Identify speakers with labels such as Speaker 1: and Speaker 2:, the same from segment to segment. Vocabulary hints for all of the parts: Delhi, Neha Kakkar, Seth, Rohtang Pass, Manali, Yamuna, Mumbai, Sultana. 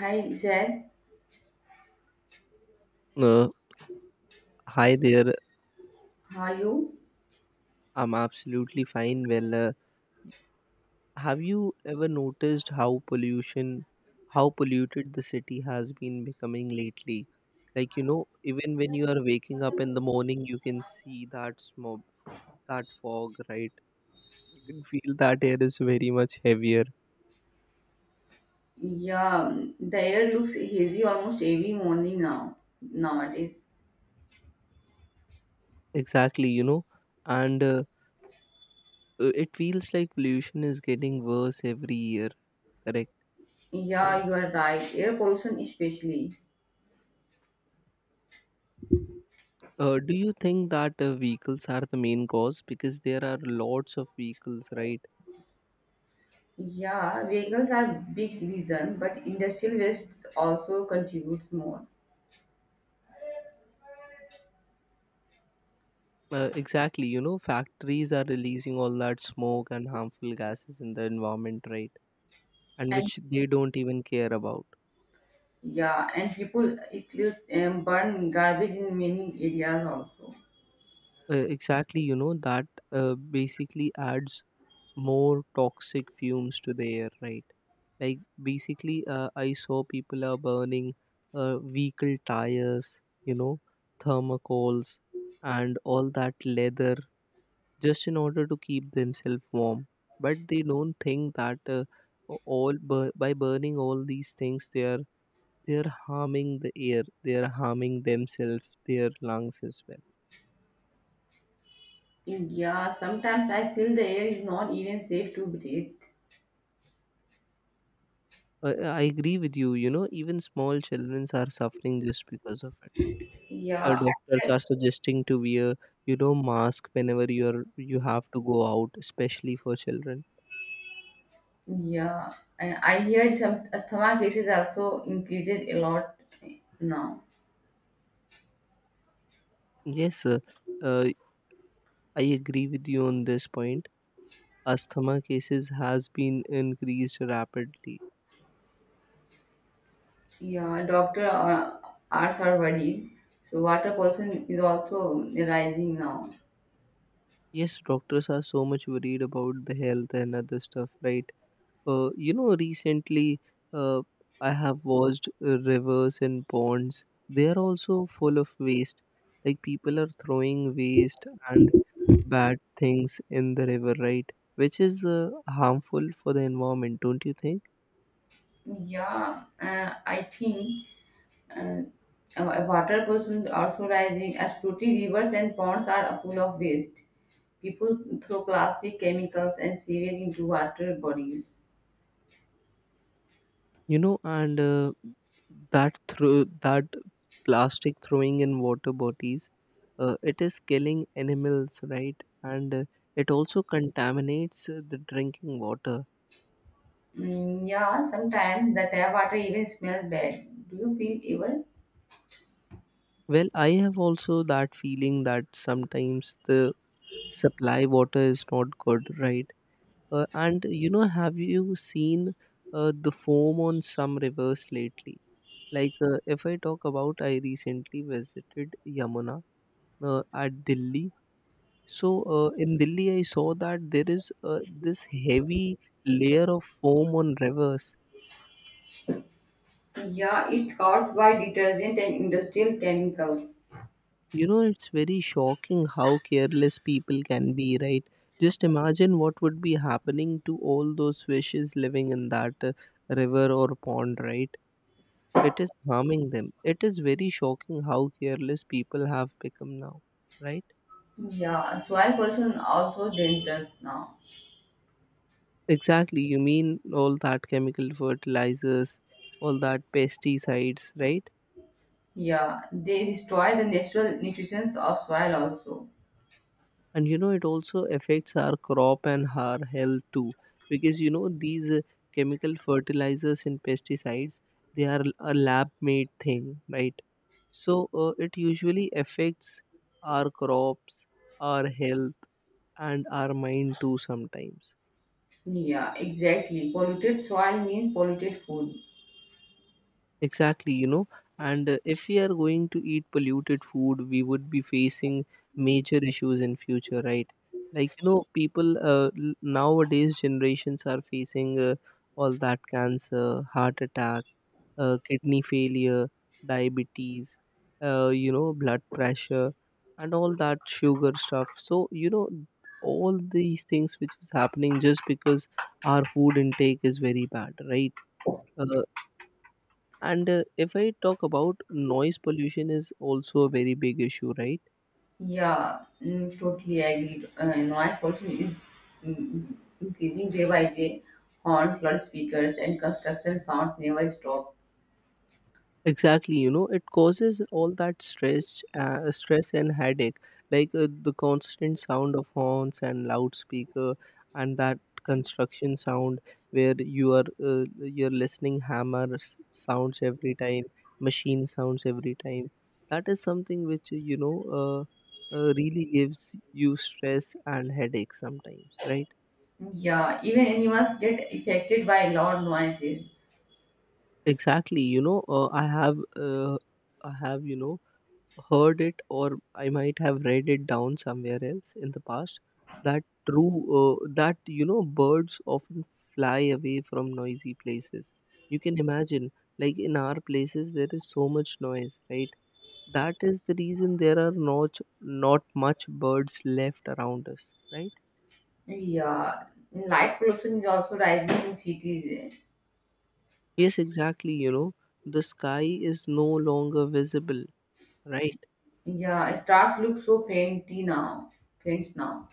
Speaker 1: Hi, Seth.
Speaker 2: Uh, hi there.
Speaker 1: How are you?
Speaker 2: I'm absolutely fine. Have you ever noticed how how polluted the city has been becoming lately? Like, you know, even when you are waking up in the morning, you can see that smoke, that fog, right? You can feel that air is very much heavier.
Speaker 1: Yeah, the air looks hazy almost every morning now nowadays.
Speaker 2: Exactly, you know, and it feels like pollution is getting worse every year, correct?
Speaker 1: Yeah, you are right. Air pollution especially.
Speaker 2: Do you think that vehicles are the main cause? Because there are lots of vehicles, right?
Speaker 1: Yeah, vehicles are big reason, but industrial wastes also contributes more.
Speaker 2: Exactly. You know, factories are releasing all that smoke and harmful gases in the environment, right? And
Speaker 1: And
Speaker 2: which they don't even care about.
Speaker 1: yeah, and people still burn garbage in many areas also.
Speaker 2: Exactly. You know, that basically adds more toxic fumes to the air, right? Like, basically, I saw people are burning vehicle tires, you know, thermocoals, and all that leather just in order to keep themselves warm. But they don't think that by burning all these things, they are harming the air, they are harming themselves, their lungs as well.
Speaker 1: Yeah, sometimes I feel the air is not even safe to breathe.
Speaker 2: I agree with you. You know, even small children are suffering just because of it.
Speaker 1: Yeah,
Speaker 2: Doctors are suggesting to wear, you know, mask whenever you have to go out, especially for children.
Speaker 1: yeah, I heard some asthma cases also increases a lot now.
Speaker 2: Yes, sir. Uh, I agree with you on this point, asthma cases has been increased rapidly.
Speaker 1: Yeah, doctor are so worried. So water pollution is also rising now.
Speaker 2: Yes, doctors are so much worried about the health and other stuff, right? You know, recently uh, I have watched rivers and ponds. They are also full of waste. Like people are throwing waste and bad things in the river, right? Which is harmful for the environment, don't you think?
Speaker 1: Yeah, I think uh, water pollution also rising. Absolutely, rivers and ponds are full of waste. People throw plastic, chemicals, and sewage into water bodies.
Speaker 2: You know, and that through that plastic throwing in water bodies, it is killing animals, right? And it also contaminates the drinking water.
Speaker 1: Yeah, sometimes the tap water even smells bad. Do you feel ever?
Speaker 2: Well, I have also that feeling that sometimes the supply water is not good, right? And you know, have you seen the foam on some rivers lately? Like, if I talk about, I recently visited Yamuna at Delhi. So, in Delhi, I saw that there is this heavy layer of foam on rivers.
Speaker 1: Yeah, it's caused by detergent and industrial chemicals.
Speaker 2: You know, it's very shocking how careless people can be, right? Just imagine what would be happening to all those fishes living in that river or pond, right? It is harming them. It is very shocking how careless people have become now, right?
Speaker 1: Yeah, soil pollution also dangerous now.
Speaker 2: Exactly. You mean all that chemical fertilizers, all that pesticides, right?
Speaker 1: Yeah, they destroy the natural nutrients of soil also.
Speaker 2: And you know it also affects our crop and our health too, because you know these chemical fertilizers and pesticides, they are a lab made thing, right? So it usually affects our crops, our health, and our mind too sometimes.
Speaker 1: Yeah, exactly. Polluted soil means polluted food.
Speaker 2: Exactly, you know, and if we are going to eat polluted food, we would be facing major issues in future, right? Like you know, people nowadays generations are facing all that cancer, heart attack, kidney failure, diabetes, you know, blood pressure, and all that sugar stuff. So you know, all these things which is happening just because our food intake is very bad, right? Uh, and if I talk about noise pollution is also a very big issue, right?
Speaker 1: Yeah, totally agreed. Noise pollution is mm, mm, increasing day by day. Horns, loudspeakers, and construction sounds never stop.
Speaker 2: Exactly, you know, it causes all that stress and headache, like the constant sound of horns and loudspeaker, and that construction sound where you are you're listening hammer sounds every time, machine sounds every time. That is something which you know really gives you stress and headache sometimes, right?
Speaker 1: Yeah, even animals get affected by loud noises.
Speaker 2: Exactly. You know, I have, you know, heard it, or I might have read it down somewhere else in the past that you know, birds often fly away from noisy places. You can imagine, like in our places, there is so much noise, right? That is the reason there are not much birds left around us, right?
Speaker 1: Yeah, light pollution is also rising in cities.
Speaker 2: Yes, exactly. You know, the sky is no longer visible, right?
Speaker 1: Yeah, stars look so faints now.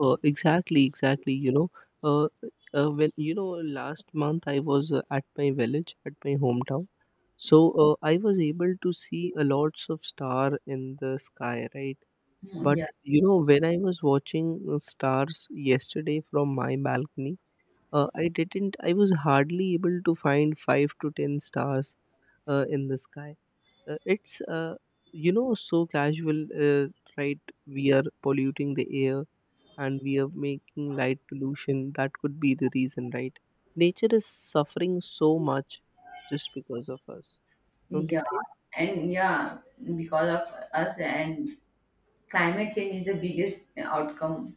Speaker 2: Exactly. You know, uh, when you know, last month I was at my village, at my hometown. So I was able to see a lots of star in the sky, right?
Speaker 1: Mm.
Speaker 2: But
Speaker 1: Yeah,
Speaker 2: you know, when I was watching stars yesterday from my balcony, I didn't. I was hardly able to find five to ten stars in the sky. It's you know so casual, right? We are polluting the air, and we are making light pollution. That could be the reason, right? Nature is suffering so much just because of us, don't you
Speaker 1: yeah,
Speaker 2: think?
Speaker 1: and yeah, because of us and climate change is the biggest outcome.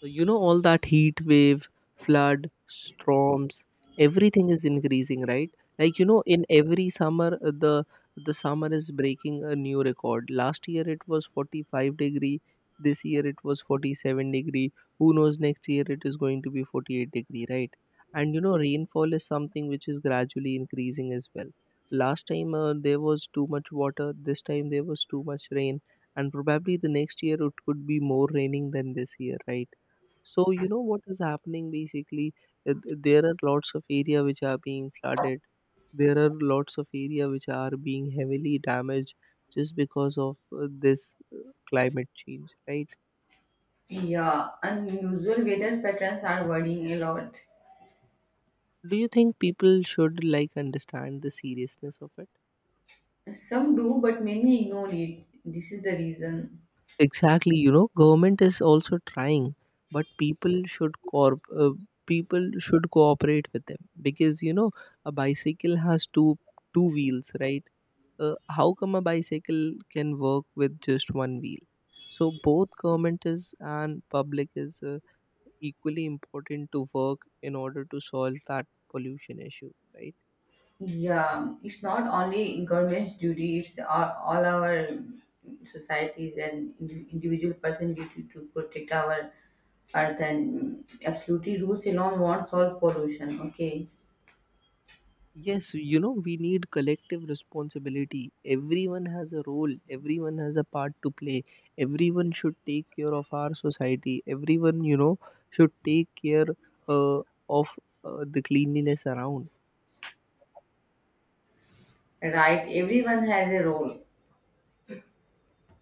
Speaker 2: So, you know, all that heat wave, flood, storms, everything is increasing, right? Like, you know, in every summer, the summer is breaking a new record. Last year it was 45 degree. This year it was 47 degree. Who knows, next year it is going to be 48-degree, right? And you know, rainfall is something which is gradually increasing as well. Last time there was too much water. This time there was too much rain, and probably the next year it could be more raining than this year, right? So you know what is happening basically? There are lots of area which are being flooded. There are lots of area which are being heavily damaged just because of this climate change, right?
Speaker 1: Yeah, unusual weather patterns are worrying a lot.
Speaker 2: Do you think people should like understand the seriousness of it?
Speaker 1: Some do, but many ignore it. This is the reason.
Speaker 2: Exactly, you know, government is also trying, but people should cooperate with them, because you know a bicycle has two wheels, right? How come a bicycle can work with just one wheel? So both government is and public is equally important to work in order to solve that pollution issue, right?
Speaker 1: Yeah, it's not only government's duty, it's all our societies and individual person duty to protect our earth and absolutely rules alone won't solve pollution. Okay,
Speaker 2: Yes, you know, we need collective responsibility. Everyone has a role, everyone has a part to play. Everyone should take care of our society. Everyone, you know, should take care uh, of the cleanliness around.
Speaker 1: right. Everyone has a role.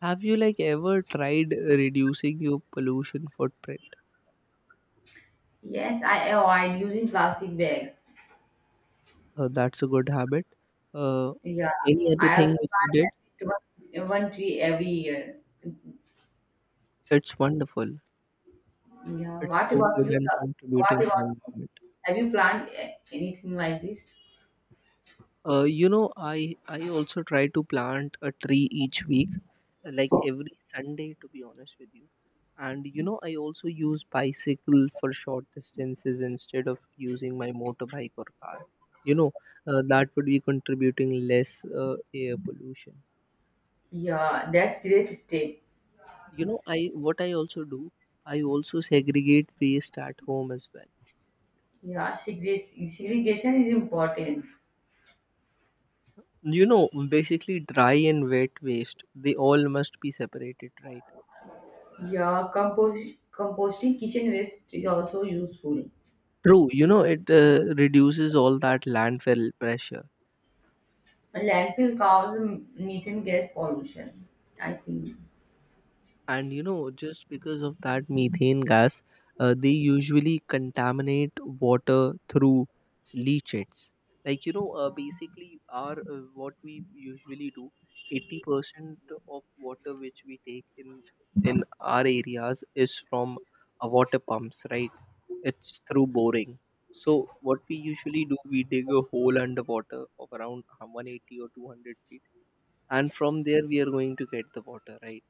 Speaker 2: Have you like ever tried reducing your pollution footprint?
Speaker 1: Yes, I avoid using plastic bags.
Speaker 2: That's a good habit. Uh,
Speaker 1: Yeah,
Speaker 2: any other
Speaker 1: I also
Speaker 2: thing which you
Speaker 1: plant
Speaker 2: did?
Speaker 1: at least one tree every year.
Speaker 2: It's wonderful.
Speaker 1: Yeah,
Speaker 2: It's
Speaker 1: what
Speaker 2: so
Speaker 1: about
Speaker 2: good
Speaker 1: you?
Speaker 2: and
Speaker 1: Love? What
Speaker 2: contributing
Speaker 1: about
Speaker 2: for
Speaker 1: you?
Speaker 2: environment.
Speaker 1: Have you planned anything like this?
Speaker 2: You know, I also try to plant a tree each week, like every Sunday, to be honest with you. And you know, I also use bicycle for short distances instead of using my motorbike or car. You know, that would be contributing less air pollution.
Speaker 1: Yeah, that's great step.
Speaker 2: You know, I what I also do, I also segregate waste at home as well.
Speaker 1: Yeah, segregation is important.
Speaker 2: You know, basically dry and wet waste, they all must be separated, right?
Speaker 1: Yeah, composting kitchen waste is also useful.
Speaker 2: True, you know, it reduces all that landfill pressure.
Speaker 1: Landfill causes methane gas pollution, I think.
Speaker 2: And, you know, just because of that methane gas, they usually contaminate water through leachates. Like, you know, basically, our what we usually do, 80% of water which we take in our areas is from water pumps, right? It's through boring. So, what we usually do, we dig a hole underwater of around 180 or 200 feet. And from there we are going to get the water, right?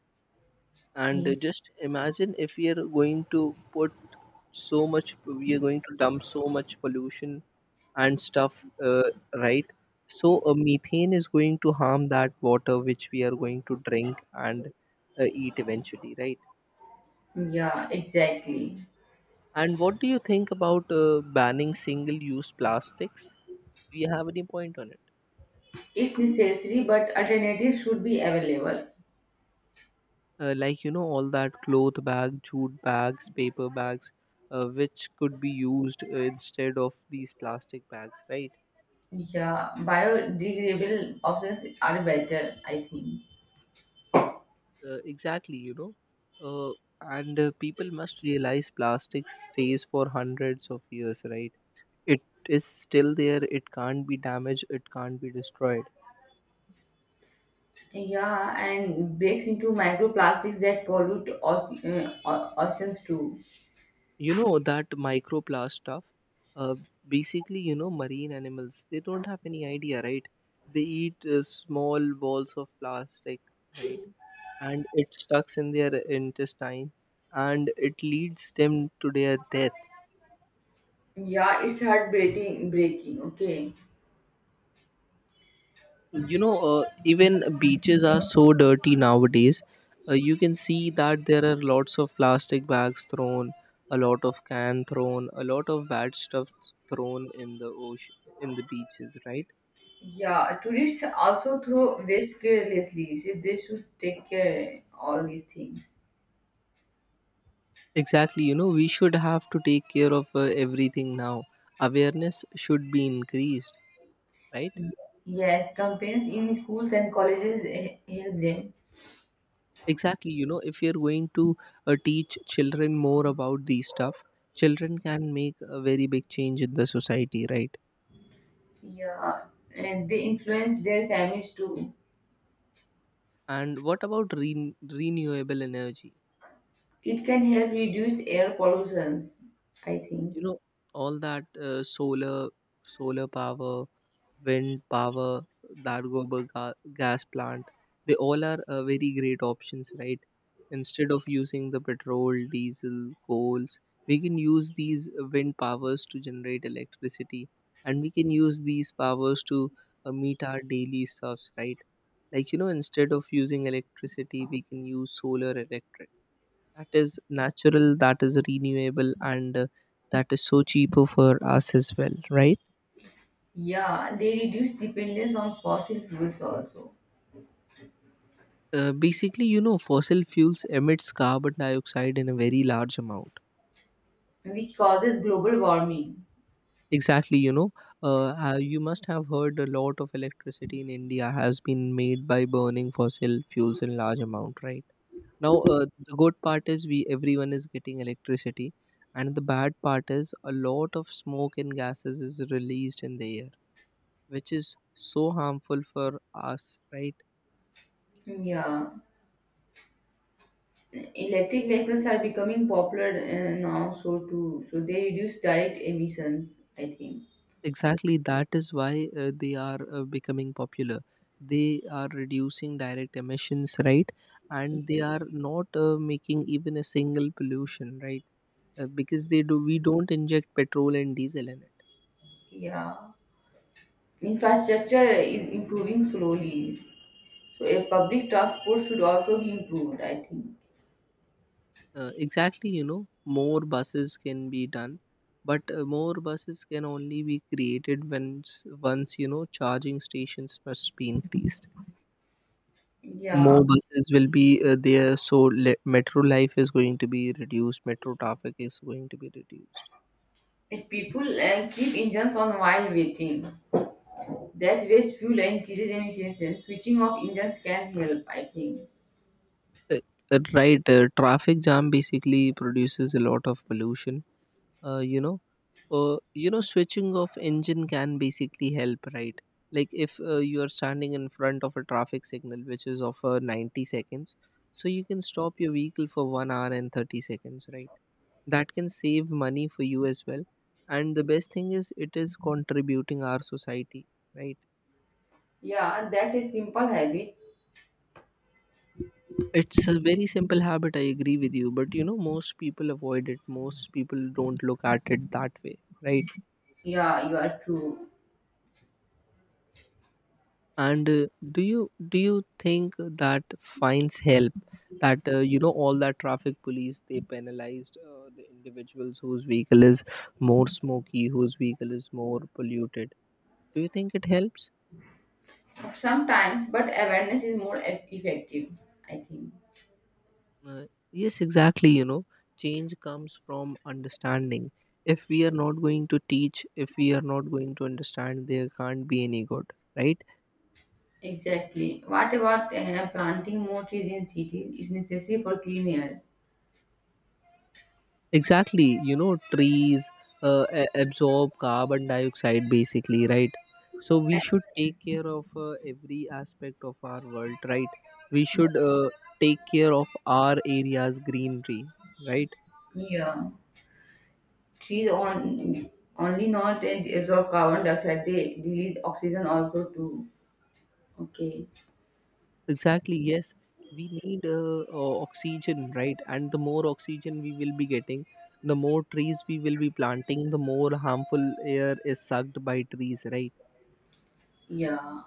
Speaker 2: and
Speaker 1: Yeah,
Speaker 2: Mm. Just imagine if we are going to put so much, we are going to dump so much pollution and stuff, right? So methane is going to harm that water which we are going to drink and eat eventually, right?
Speaker 1: yeah, exactly.
Speaker 2: And what do you think about banning single use plastics? Do you have any point on it?
Speaker 1: It's necessary, but alternatives should be available.
Speaker 2: Like you know all that cloth bag, jute bags, paper bags, which could be used instead of these plastic bags, right?
Speaker 1: Yeah, biodegradable options are better, I think.
Speaker 2: Exactly you know uh, and people must realize plastic stays for hundreds of years, right? It is still there, it can't be damaged, it can't be destroyed.
Speaker 1: Yeah, and breaks into microplastics that pollute oceans too.
Speaker 2: You know that microplast stuff, uh, basically, you know, marine animals, they don't have any idea, right? They eat small balls of plastic, right? And it stucks in their intestine, and it leads them to their death.
Speaker 1: Yeah, it's heartbreaking, breaking, okay.
Speaker 2: You know even beaches are so dirty nowadays. You can see that there are lots of plastic bags thrown, a lot of can thrown, a lot of bad stuff thrown in the ocean, in the beaches, right?
Speaker 1: Yeah, tourists also throw waste carelessly, so they should take care all these things.
Speaker 2: Exactly, you know, we should have to take care of everything now. Awareness should be increased, right?
Speaker 1: Yes, campaigns in schools and colleges help them.
Speaker 2: Exactly, you know, if you're going to teach children more about these stuff, children can make a very big change in the society, right?
Speaker 1: Yeah, and they influence their families too.
Speaker 2: And what about renewable energy?
Speaker 1: It can help reduce air pollutions, I think.
Speaker 2: You know, all that uh, solar solar power, wind power, Dargober gas plant. They all are very great options, right? Instead of using the petrol, diesel, coals, we can use these wind powers to generate electricity, and we can use these powers to meet our daily stuffs, right? Like you know, instead of using electricity, we can use solar electric. That is natural, that is renewable, and that is so cheaper for us as well, right?
Speaker 1: Yeah, they reduce dependence on fossil fuels also,
Speaker 2: Basically, you know, fossil fuels emits carbon dioxide in a very large amount.
Speaker 1: which causes global warming.
Speaker 2: Exactly, you know, you must have heard a lot of electricity in India has been made by burning fossil fuels in large amount, right? Now, the good part is we everyone is getting electricity, and the bad part is a lot of smoke and gases is released in the air, which is so harmful for us, right?
Speaker 1: Yeah. Electric vehicles are becoming popular now, so too, so they reduce direct emissions, I think.
Speaker 2: Exactly, that is why they are becoming popular. They are reducing direct emissions, right? And they are not making even a single pollution, right? Because they do, we don't inject petrol and diesel in it.
Speaker 1: Yeah. Infrastructure is improving slowly, so a public transport should also be improved, I think.
Speaker 2: Exactly, you know, more buses can be done, but more buses can only be created once you know, charging stations must be increased.
Speaker 1: Yeah.
Speaker 2: More buses will be there, so metro life is going to be reduced, metro traffic is going to be reduced.
Speaker 1: If people keep engines on while waiting, that wastes fuel and increases emissions. Switching off engines can help, I think.
Speaker 2: uh, right, traffic jam basically produces a lot of pollution. uh, you know Switching off engine can basically help, right? Like if you are standing in front of a traffic signal which is of 90 seconds, so you can stop your vehicle for 1 hour and 30 seconds, right? That can save money for you as well, and the best thing is it is contributing our society, right.
Speaker 1: Yeah, that's a simple habit.
Speaker 2: It's a very simple habit, I agree with you, but you know most people avoid it, most people don't look at it that way, right.
Speaker 1: Yeah, you are true.
Speaker 2: And do you think that fines help, that you know all that traffic police they penalized the individuals whose vehicle is more smoky, whose vehicle is more polluted? Do you think it helps?
Speaker 1: Sometimes, but awareness is more effective, I think.
Speaker 2: Uh, yes, exactly. You know, change comes from understanding. If we are not going to teach, if we are not going to understand, there can't be any good, right?
Speaker 1: Exactly. What about planting more trees in cities? It's necessary for clean air.
Speaker 2: Exactly. You know, trees absorb carbon dioxide basically, right? So we should take care of every aspect of our world, right? We should take care of our area's greenery, right?
Speaker 1: Yeah. Trees on, only not absorb carbon dioxide, they release oxygen also too. Okay.
Speaker 2: Exactly, yes. We need oxygen, right? And the more oxygen we will be getting, the more trees we will be planting, the more harmful air is sucked by trees, right?
Speaker 1: Yeah.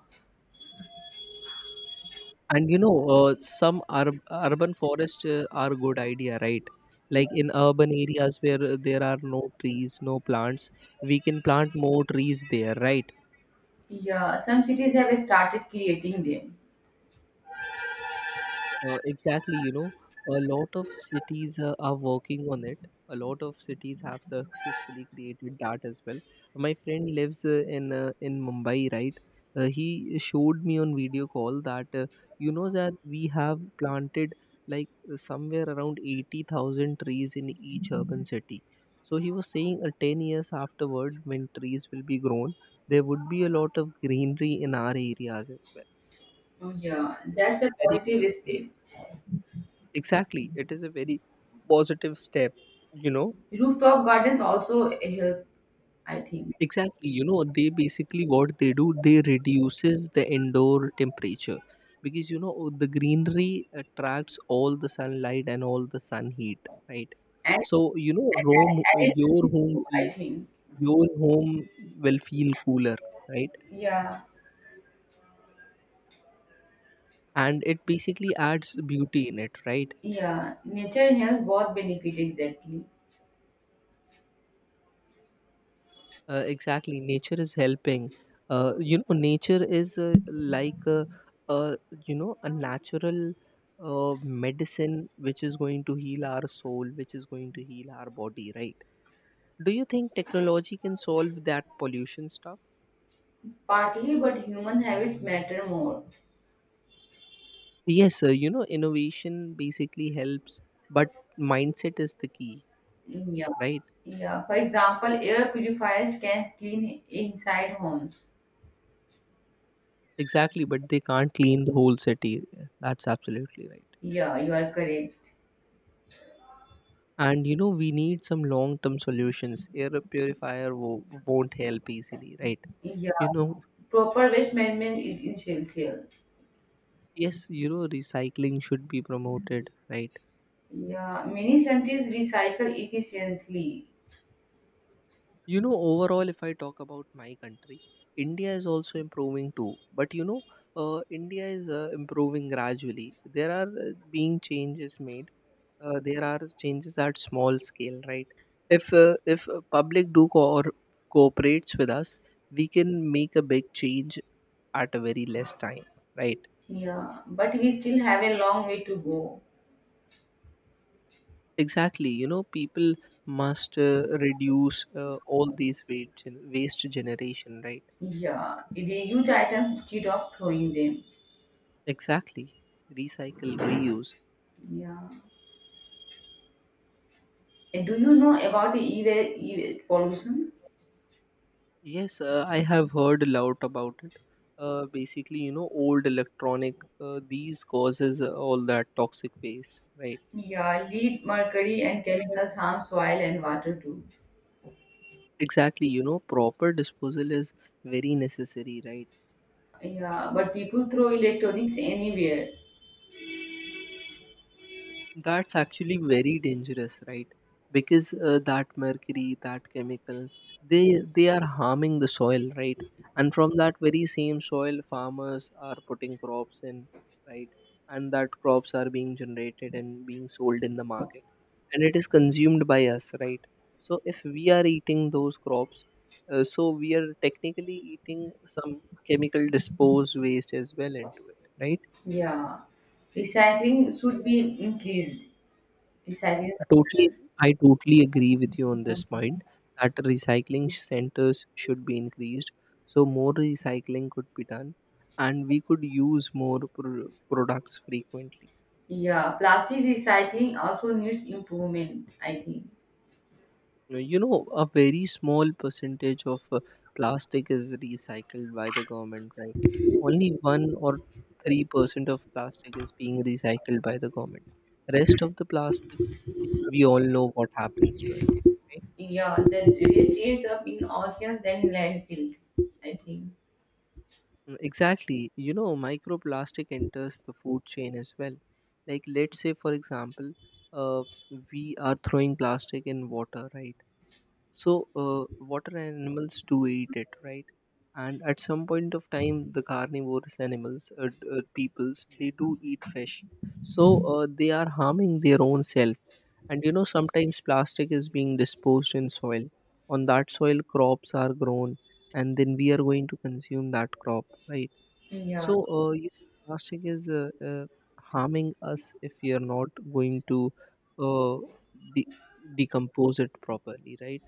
Speaker 2: And you know, some urban forests are a good idea, right? Like in urban areas where there are no trees, no plants, we can plant more trees there, right?
Speaker 1: Yeah. Some cities have started creating them.
Speaker 2: Exactly, you know, a lot of cities are working on it. A lot of cities have successfully created that as well. My friend lives in Mumbai, right? He showed me on video call that you know that we have planted like somewhere around 80,000 trees in each urban city. So he was saying 10 years afterward, when trees will be grown, there would be a lot of greenery in our areas as well.
Speaker 1: Oh, yeah. Yeah.
Speaker 2: That's
Speaker 1: That's
Speaker 2: a
Speaker 1: a
Speaker 2: very
Speaker 1: positive
Speaker 2: positive.
Speaker 1: step.
Speaker 2: Exactly. It is a very positive step, you know.
Speaker 1: Rooftop gardens also help, I think.
Speaker 2: Exactly. You know, they basically what they do, they reduces the indoor temperature because you know the greenery attracts all the sunlight and all the sun heat, right?
Speaker 1: And
Speaker 2: So you know, Rome,
Speaker 1: identity too, I think.
Speaker 2: your home will feel cooler, right?
Speaker 1: Yeah.
Speaker 2: And it basically adds beauty in it, right?
Speaker 1: Yeah. Nature health both benefit exactly.
Speaker 2: Exactly, nature is helping. You know, nature is like a you know a natural medicine which is going to heal our soul, which is going to heal our body, right? Do you think technology can solve that pollution stuff?
Speaker 1: Partly, but human habits matter more.
Speaker 2: Yes, you know, innovation basically helps, but mindset is the key,
Speaker 1: Yeah.
Speaker 2: right?
Speaker 1: Yeah. For example, air purifiers can clean inside homes.
Speaker 2: Exactly, but they can't clean the whole city. That's absolutely right.
Speaker 1: Yeah, you are correct.
Speaker 2: And you know we need some long term solutions. Air purifier won't help easily, right.
Speaker 1: Yeah.
Speaker 2: you know
Speaker 1: Proper waste management is essential.
Speaker 2: yes you know recycling should be promoted, right.
Speaker 1: Yeah. Many countries recycle efficiently.
Speaker 2: Overall, if I talk about my country, India is also improving too. But India is improving gradually. There are being changes made. There are changes at small scale, right. If public do or cooperates with us, we can make a big change at a very less time, right.
Speaker 1: Yeah. But we still have a long way to go.
Speaker 2: Exactly, you know, people must reduce all these waste waste generation, right.
Speaker 1: Yeah. Reuse items instead of throwing them.
Speaker 2: Exactly. Recycle, reuse.
Speaker 1: Yeah. And do you know about e-waste pollution?
Speaker 2: Yes, I have heard a lot about it. Basically, you know, old electronic these causes all that toxic waste, right.
Speaker 1: Yeah, lead, mercury, and chemicals harm soil and water too.
Speaker 2: Exactly, you know, proper disposal is very necessary, right.
Speaker 1: Yeah, but people throw electronics anywhere.
Speaker 2: That's actually very dangerous, right? Because that mercury, that chemical, they are harming the soil, right? And from that very same soil, farmers are putting crops in, right? And that crops are being generated and being sold in the market, and it is consumed by us, right? So if we are eating those crops, so we are technically eating some chemical dispose waste as well into it, right?
Speaker 1: Yeah, recycling should be increased. Recycling.
Speaker 2: Totally, I totally agree with you on this point that recycling centers should be increased. So more recycling could be done, and we could use more products frequently.
Speaker 1: Yeah, plastic recycling also needs improvement, I think.
Speaker 2: You know, a very small percentage of plastic is recycled by the government, right? Only 1 or 3% of plastic is being recycled by the government. Rest of the plastic, we all know what happens to it, right.
Speaker 1: Yeah, the waste ends up in oceans and landfills, I think.
Speaker 2: Exactly. You know, microplastic enters the food chain as well. Like, let's say, for example, uh, we are throwing plastic in water, right? So, water animals do eat it, right? And at some point of time, the carnivorous animals, peoples, they do eat fish. So, they are harming their own self. And you know, sometimes plastic is being disposed in soil. On that soil, crops are grown, and then we are going to consume that crop, right?
Speaker 1: Yeah,
Speaker 2: So, you plastic is harming us if we are not going to uh, de- decompose it properly, right?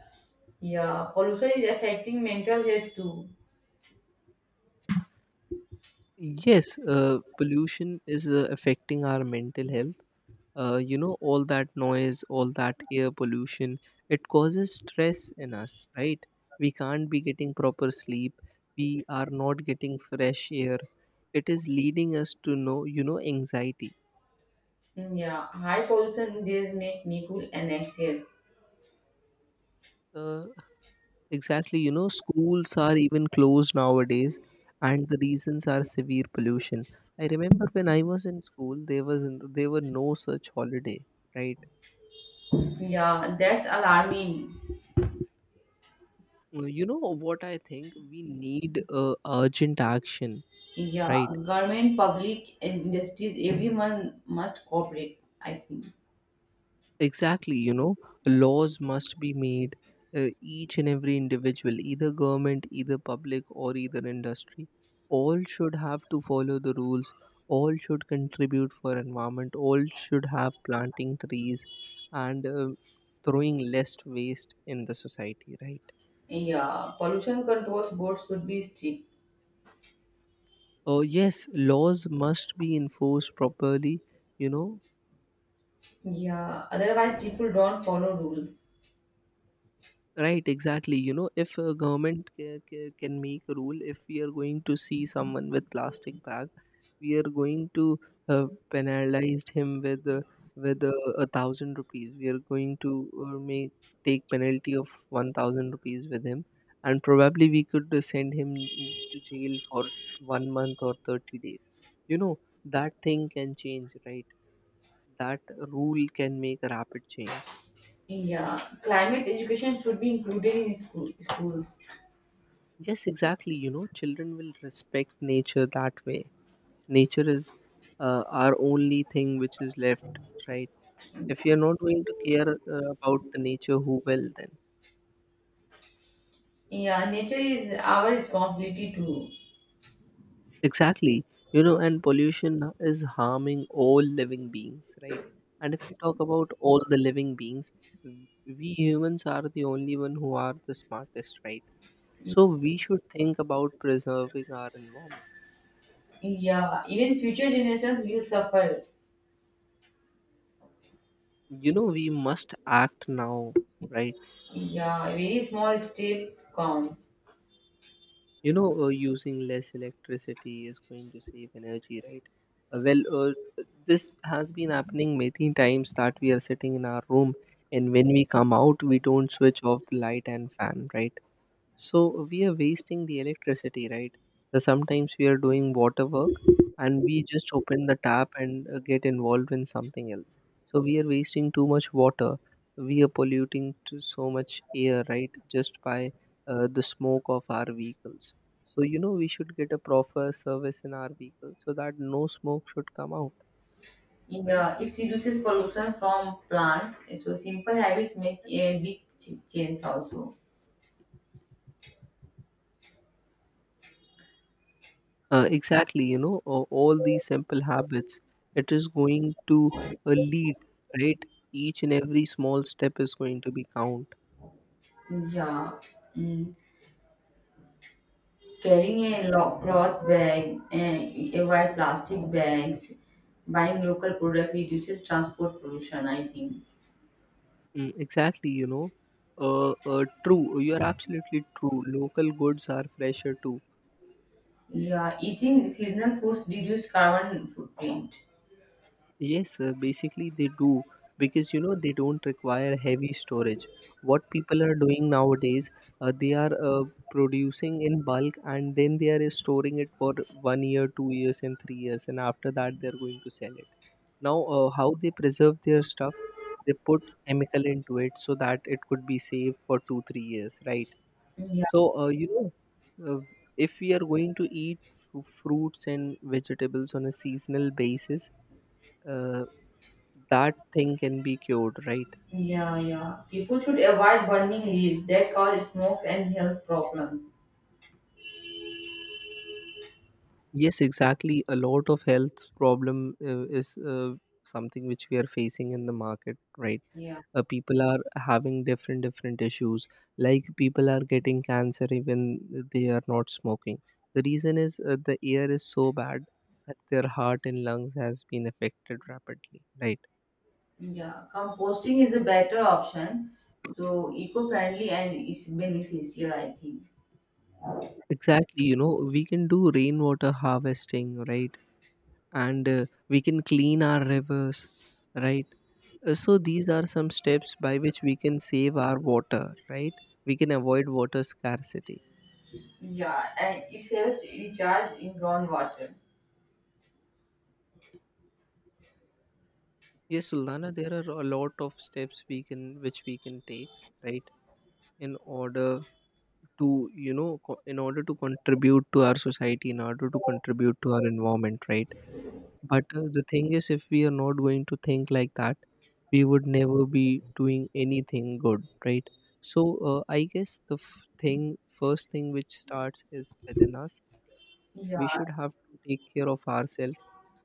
Speaker 1: yeah, pollution is affecting mental health too.
Speaker 2: Yes, pollution is affecting our mental health. You know, all that noise, all that air pollution, it causes stress in us, right? We can't be getting proper sleep. We are not getting fresh air. It is leading us to know, anxiety.
Speaker 1: Yeah, high pollution days make me cool and anxious.
Speaker 2: Uh, Exactly, you know, schools are even closed nowadays, and the reasons are severe pollution. I remember when I was in school, there were no such holiday, right?
Speaker 1: Yeah, that's alarming.
Speaker 2: You know what I think? We need urgent action,
Speaker 1: Yeah,
Speaker 2: right?
Speaker 1: government, public, and industries, everyone must cooperate, I think.
Speaker 2: Exactly, you know, laws must be made each and every individual, either government, either public, or either industry. All should have to follow the rules. All should contribute for environment. All should have planting trees and throwing less waste in the society, right?
Speaker 1: Yeah, pollution controls boards should be strict.
Speaker 2: Yes, laws must be enforced properly. You know,
Speaker 1: Yeah, otherwise people don't follow rules.
Speaker 2: right, exactly. You know, if a government can make a rule, if we are going to see someone with plastic bag, we are going to penalize him with with uh, 1,000 rupees. We are going to make take penalty of 1,000 rupees with him, and probably we could send him to jail for 1 month or 30 days. You know, that thing can change, right? That rule can make a rapid change.
Speaker 1: Yeah, climate education should be included in schools.
Speaker 2: Yes, exactly. You know, children will respect nature that way. Nature is our only thing which is left, right? If you're not going to care about the nature, who will then?
Speaker 1: Yeah, nature is our responsibility too.
Speaker 2: Exactly. You know, and pollution is harming all living beings, right? And if we talk about all the living beings, we humans are the only one who are the smartest, right? So we should think about preserving our environment.
Speaker 1: Yeah, even future generations will suffer.
Speaker 2: You know, we must act now, right?
Speaker 1: Yeah, very small step counts.
Speaker 2: You know, using less electricity is going to save energy, right. Well, this has been happening many times that we are sitting in our room, and when we come out we don't switch off the light and fan, right? So we are wasting the electricity, right? So sometimes we are doing water work, and we just open the tap and get involved in something else. So we are wasting too much water. We are polluting to so much air, right? Just by the smoke of our vehicles. So you know we should get a proper service in our vehicles so that no smoke should come out, right?
Speaker 1: Yeah, it reduces pollution from plants. So simple habits make a big change also.
Speaker 2: Exactly, you know, all these simple habits, it is going to lead, right? Each and every small step is going to be count.
Speaker 1: Yeah, mm. Carrying a cloth bag, and avoid plastic bags, buying local products reduces transport pollution. I think.
Speaker 2: Exactly, you know. True, you are absolutely true. Local goods are fresher too.
Speaker 1: Yeah, eating seasonal foods reduce carbon footprint.
Speaker 2: Yes, basically they do because they don't require heavy storage. What people are doing nowadays, they are producing in bulk and then they are storing it for 1 year, 2 years, and 3 years, and after that they are going to sell it now. How they preserve their stuff, they put chemical into it so that it could be safe for 2 3 years, right?
Speaker 1: Yeah,
Speaker 2: So uh, if we are going to eat fruits and vegetables on a seasonal basis, uh, that thing can be cured, right?
Speaker 1: yeah, yeah. People should avoid burning leaves that cause smokes and health problems.
Speaker 2: Yes, exactly, a lot of health problem is something which we are facing in the market, right?
Speaker 1: Yeah.
Speaker 2: People are having different different issues, like people are getting cancer even they are not smoking. The reason is the air is so bad that their heart and lungs has been affected rapidly, right?
Speaker 1: Yeah, composting is a better option. So eco-friendly and it's beneficial, I think.
Speaker 2: Exactly, you know, we can do rainwater harvesting, right? And we can clean our rivers, right? So these are some steps by which we can save our water, right? We can avoid water scarcity.
Speaker 1: Yeah, and it helps recharge in groundwater.
Speaker 2: Yes, Sultana, there are a lot of steps we can which we can take, right, in order to in order to contribute to our society, in order to contribute to our environment, right. But the thing is, if we are not going to think like that, we would never be doing anything good, right? So I guess the f- thing first thing which starts is within us.
Speaker 1: Yeah,
Speaker 2: We should have to take care of ourselves,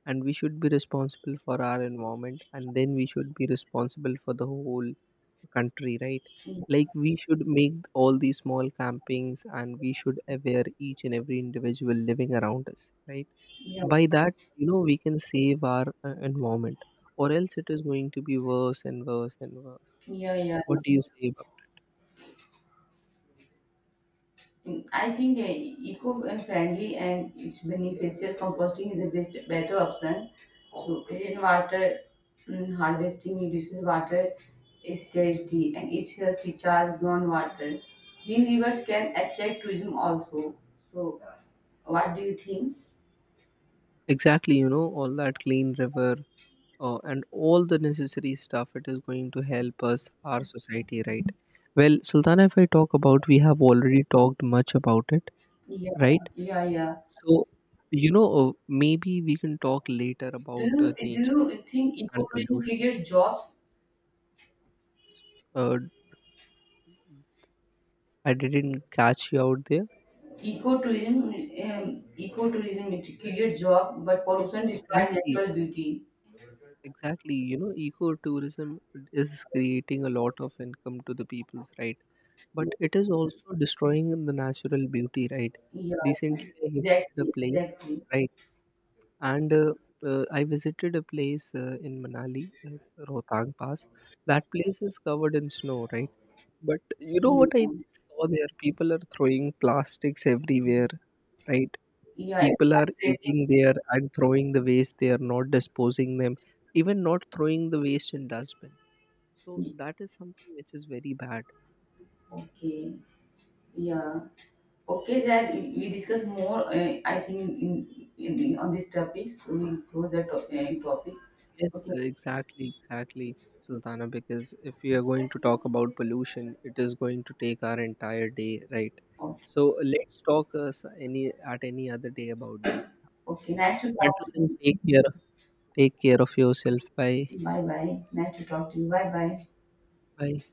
Speaker 2: and we should be responsible for our environment, and then we should be responsible for the whole country, right? Like we should make all these small campings and we should aware each and every individual living around us, right?
Speaker 1: yeah,
Speaker 2: By that, we can save our environment, or else it is going to be worse and worse and worse.
Speaker 1: yeah, yeah.
Speaker 2: What do you say about?
Speaker 1: Mm, I think Eco-friendly and it's beneficial composting is a best better option. So rainwater harvesting reduces water scarcity and it helps recharge groundwater. Green rivers can attract tourism also. So what do you think?
Speaker 2: Exactly, all that clean river and all the necessary stuff, it is going to help us our society, right? Well, Sultana, if I talk about, we have already talked much about it,
Speaker 1: Yeah,
Speaker 2: right?
Speaker 1: yeah, yeah.
Speaker 2: So maybe we can talk later about
Speaker 1: Do
Speaker 2: nature
Speaker 1: you think
Speaker 2: and
Speaker 1: ecotourism
Speaker 2: pollution.
Speaker 1: creates jobs?
Speaker 2: uh, I didn't catch you out there.
Speaker 1: Ecotourism, ecotourism it creates job, but pollution destroys
Speaker 2: Exactly,
Speaker 1: natural beauty.
Speaker 2: exactly, ecotourism is creating a lot of income to the peoples, right? But it is also destroying the natural beauty, right?
Speaker 1: Yeah,
Speaker 2: Recently I visited a
Speaker 1: exactly,
Speaker 2: place.
Speaker 1: exactly.
Speaker 2: Right. And I visited a place in Manali, Rohtang Pass. That place is covered in snow, right? But you know
Speaker 1: Yeah,
Speaker 2: what I saw there? People are throwing plastics everywhere, right?
Speaker 1: yeah it's
Speaker 2: People are
Speaker 1: frustrating.
Speaker 2: eating there and throwing the waste there, not disposing them, even not throwing the waste in dustbin. So
Speaker 1: Y-
Speaker 2: that is something which is very bad.
Speaker 1: Okay, yeah. Okay, that we discuss more. I think in on this topic, so we close that topic.
Speaker 2: Yes,
Speaker 1: Okay,
Speaker 2: exactly, exactly, Sultana. Because if we are going to talk about pollution, it is going to take our entire day, right?
Speaker 1: okay.
Speaker 2: So let's talk s- any at any other day about these stuff.
Speaker 1: Okay,
Speaker 2: Okay?
Speaker 1: nice to
Speaker 2: Until
Speaker 1: talk to you.
Speaker 2: then, take care of yourself. Bye,
Speaker 1: Bye bye. Nice to talk to you. Bye bye.
Speaker 2: bye.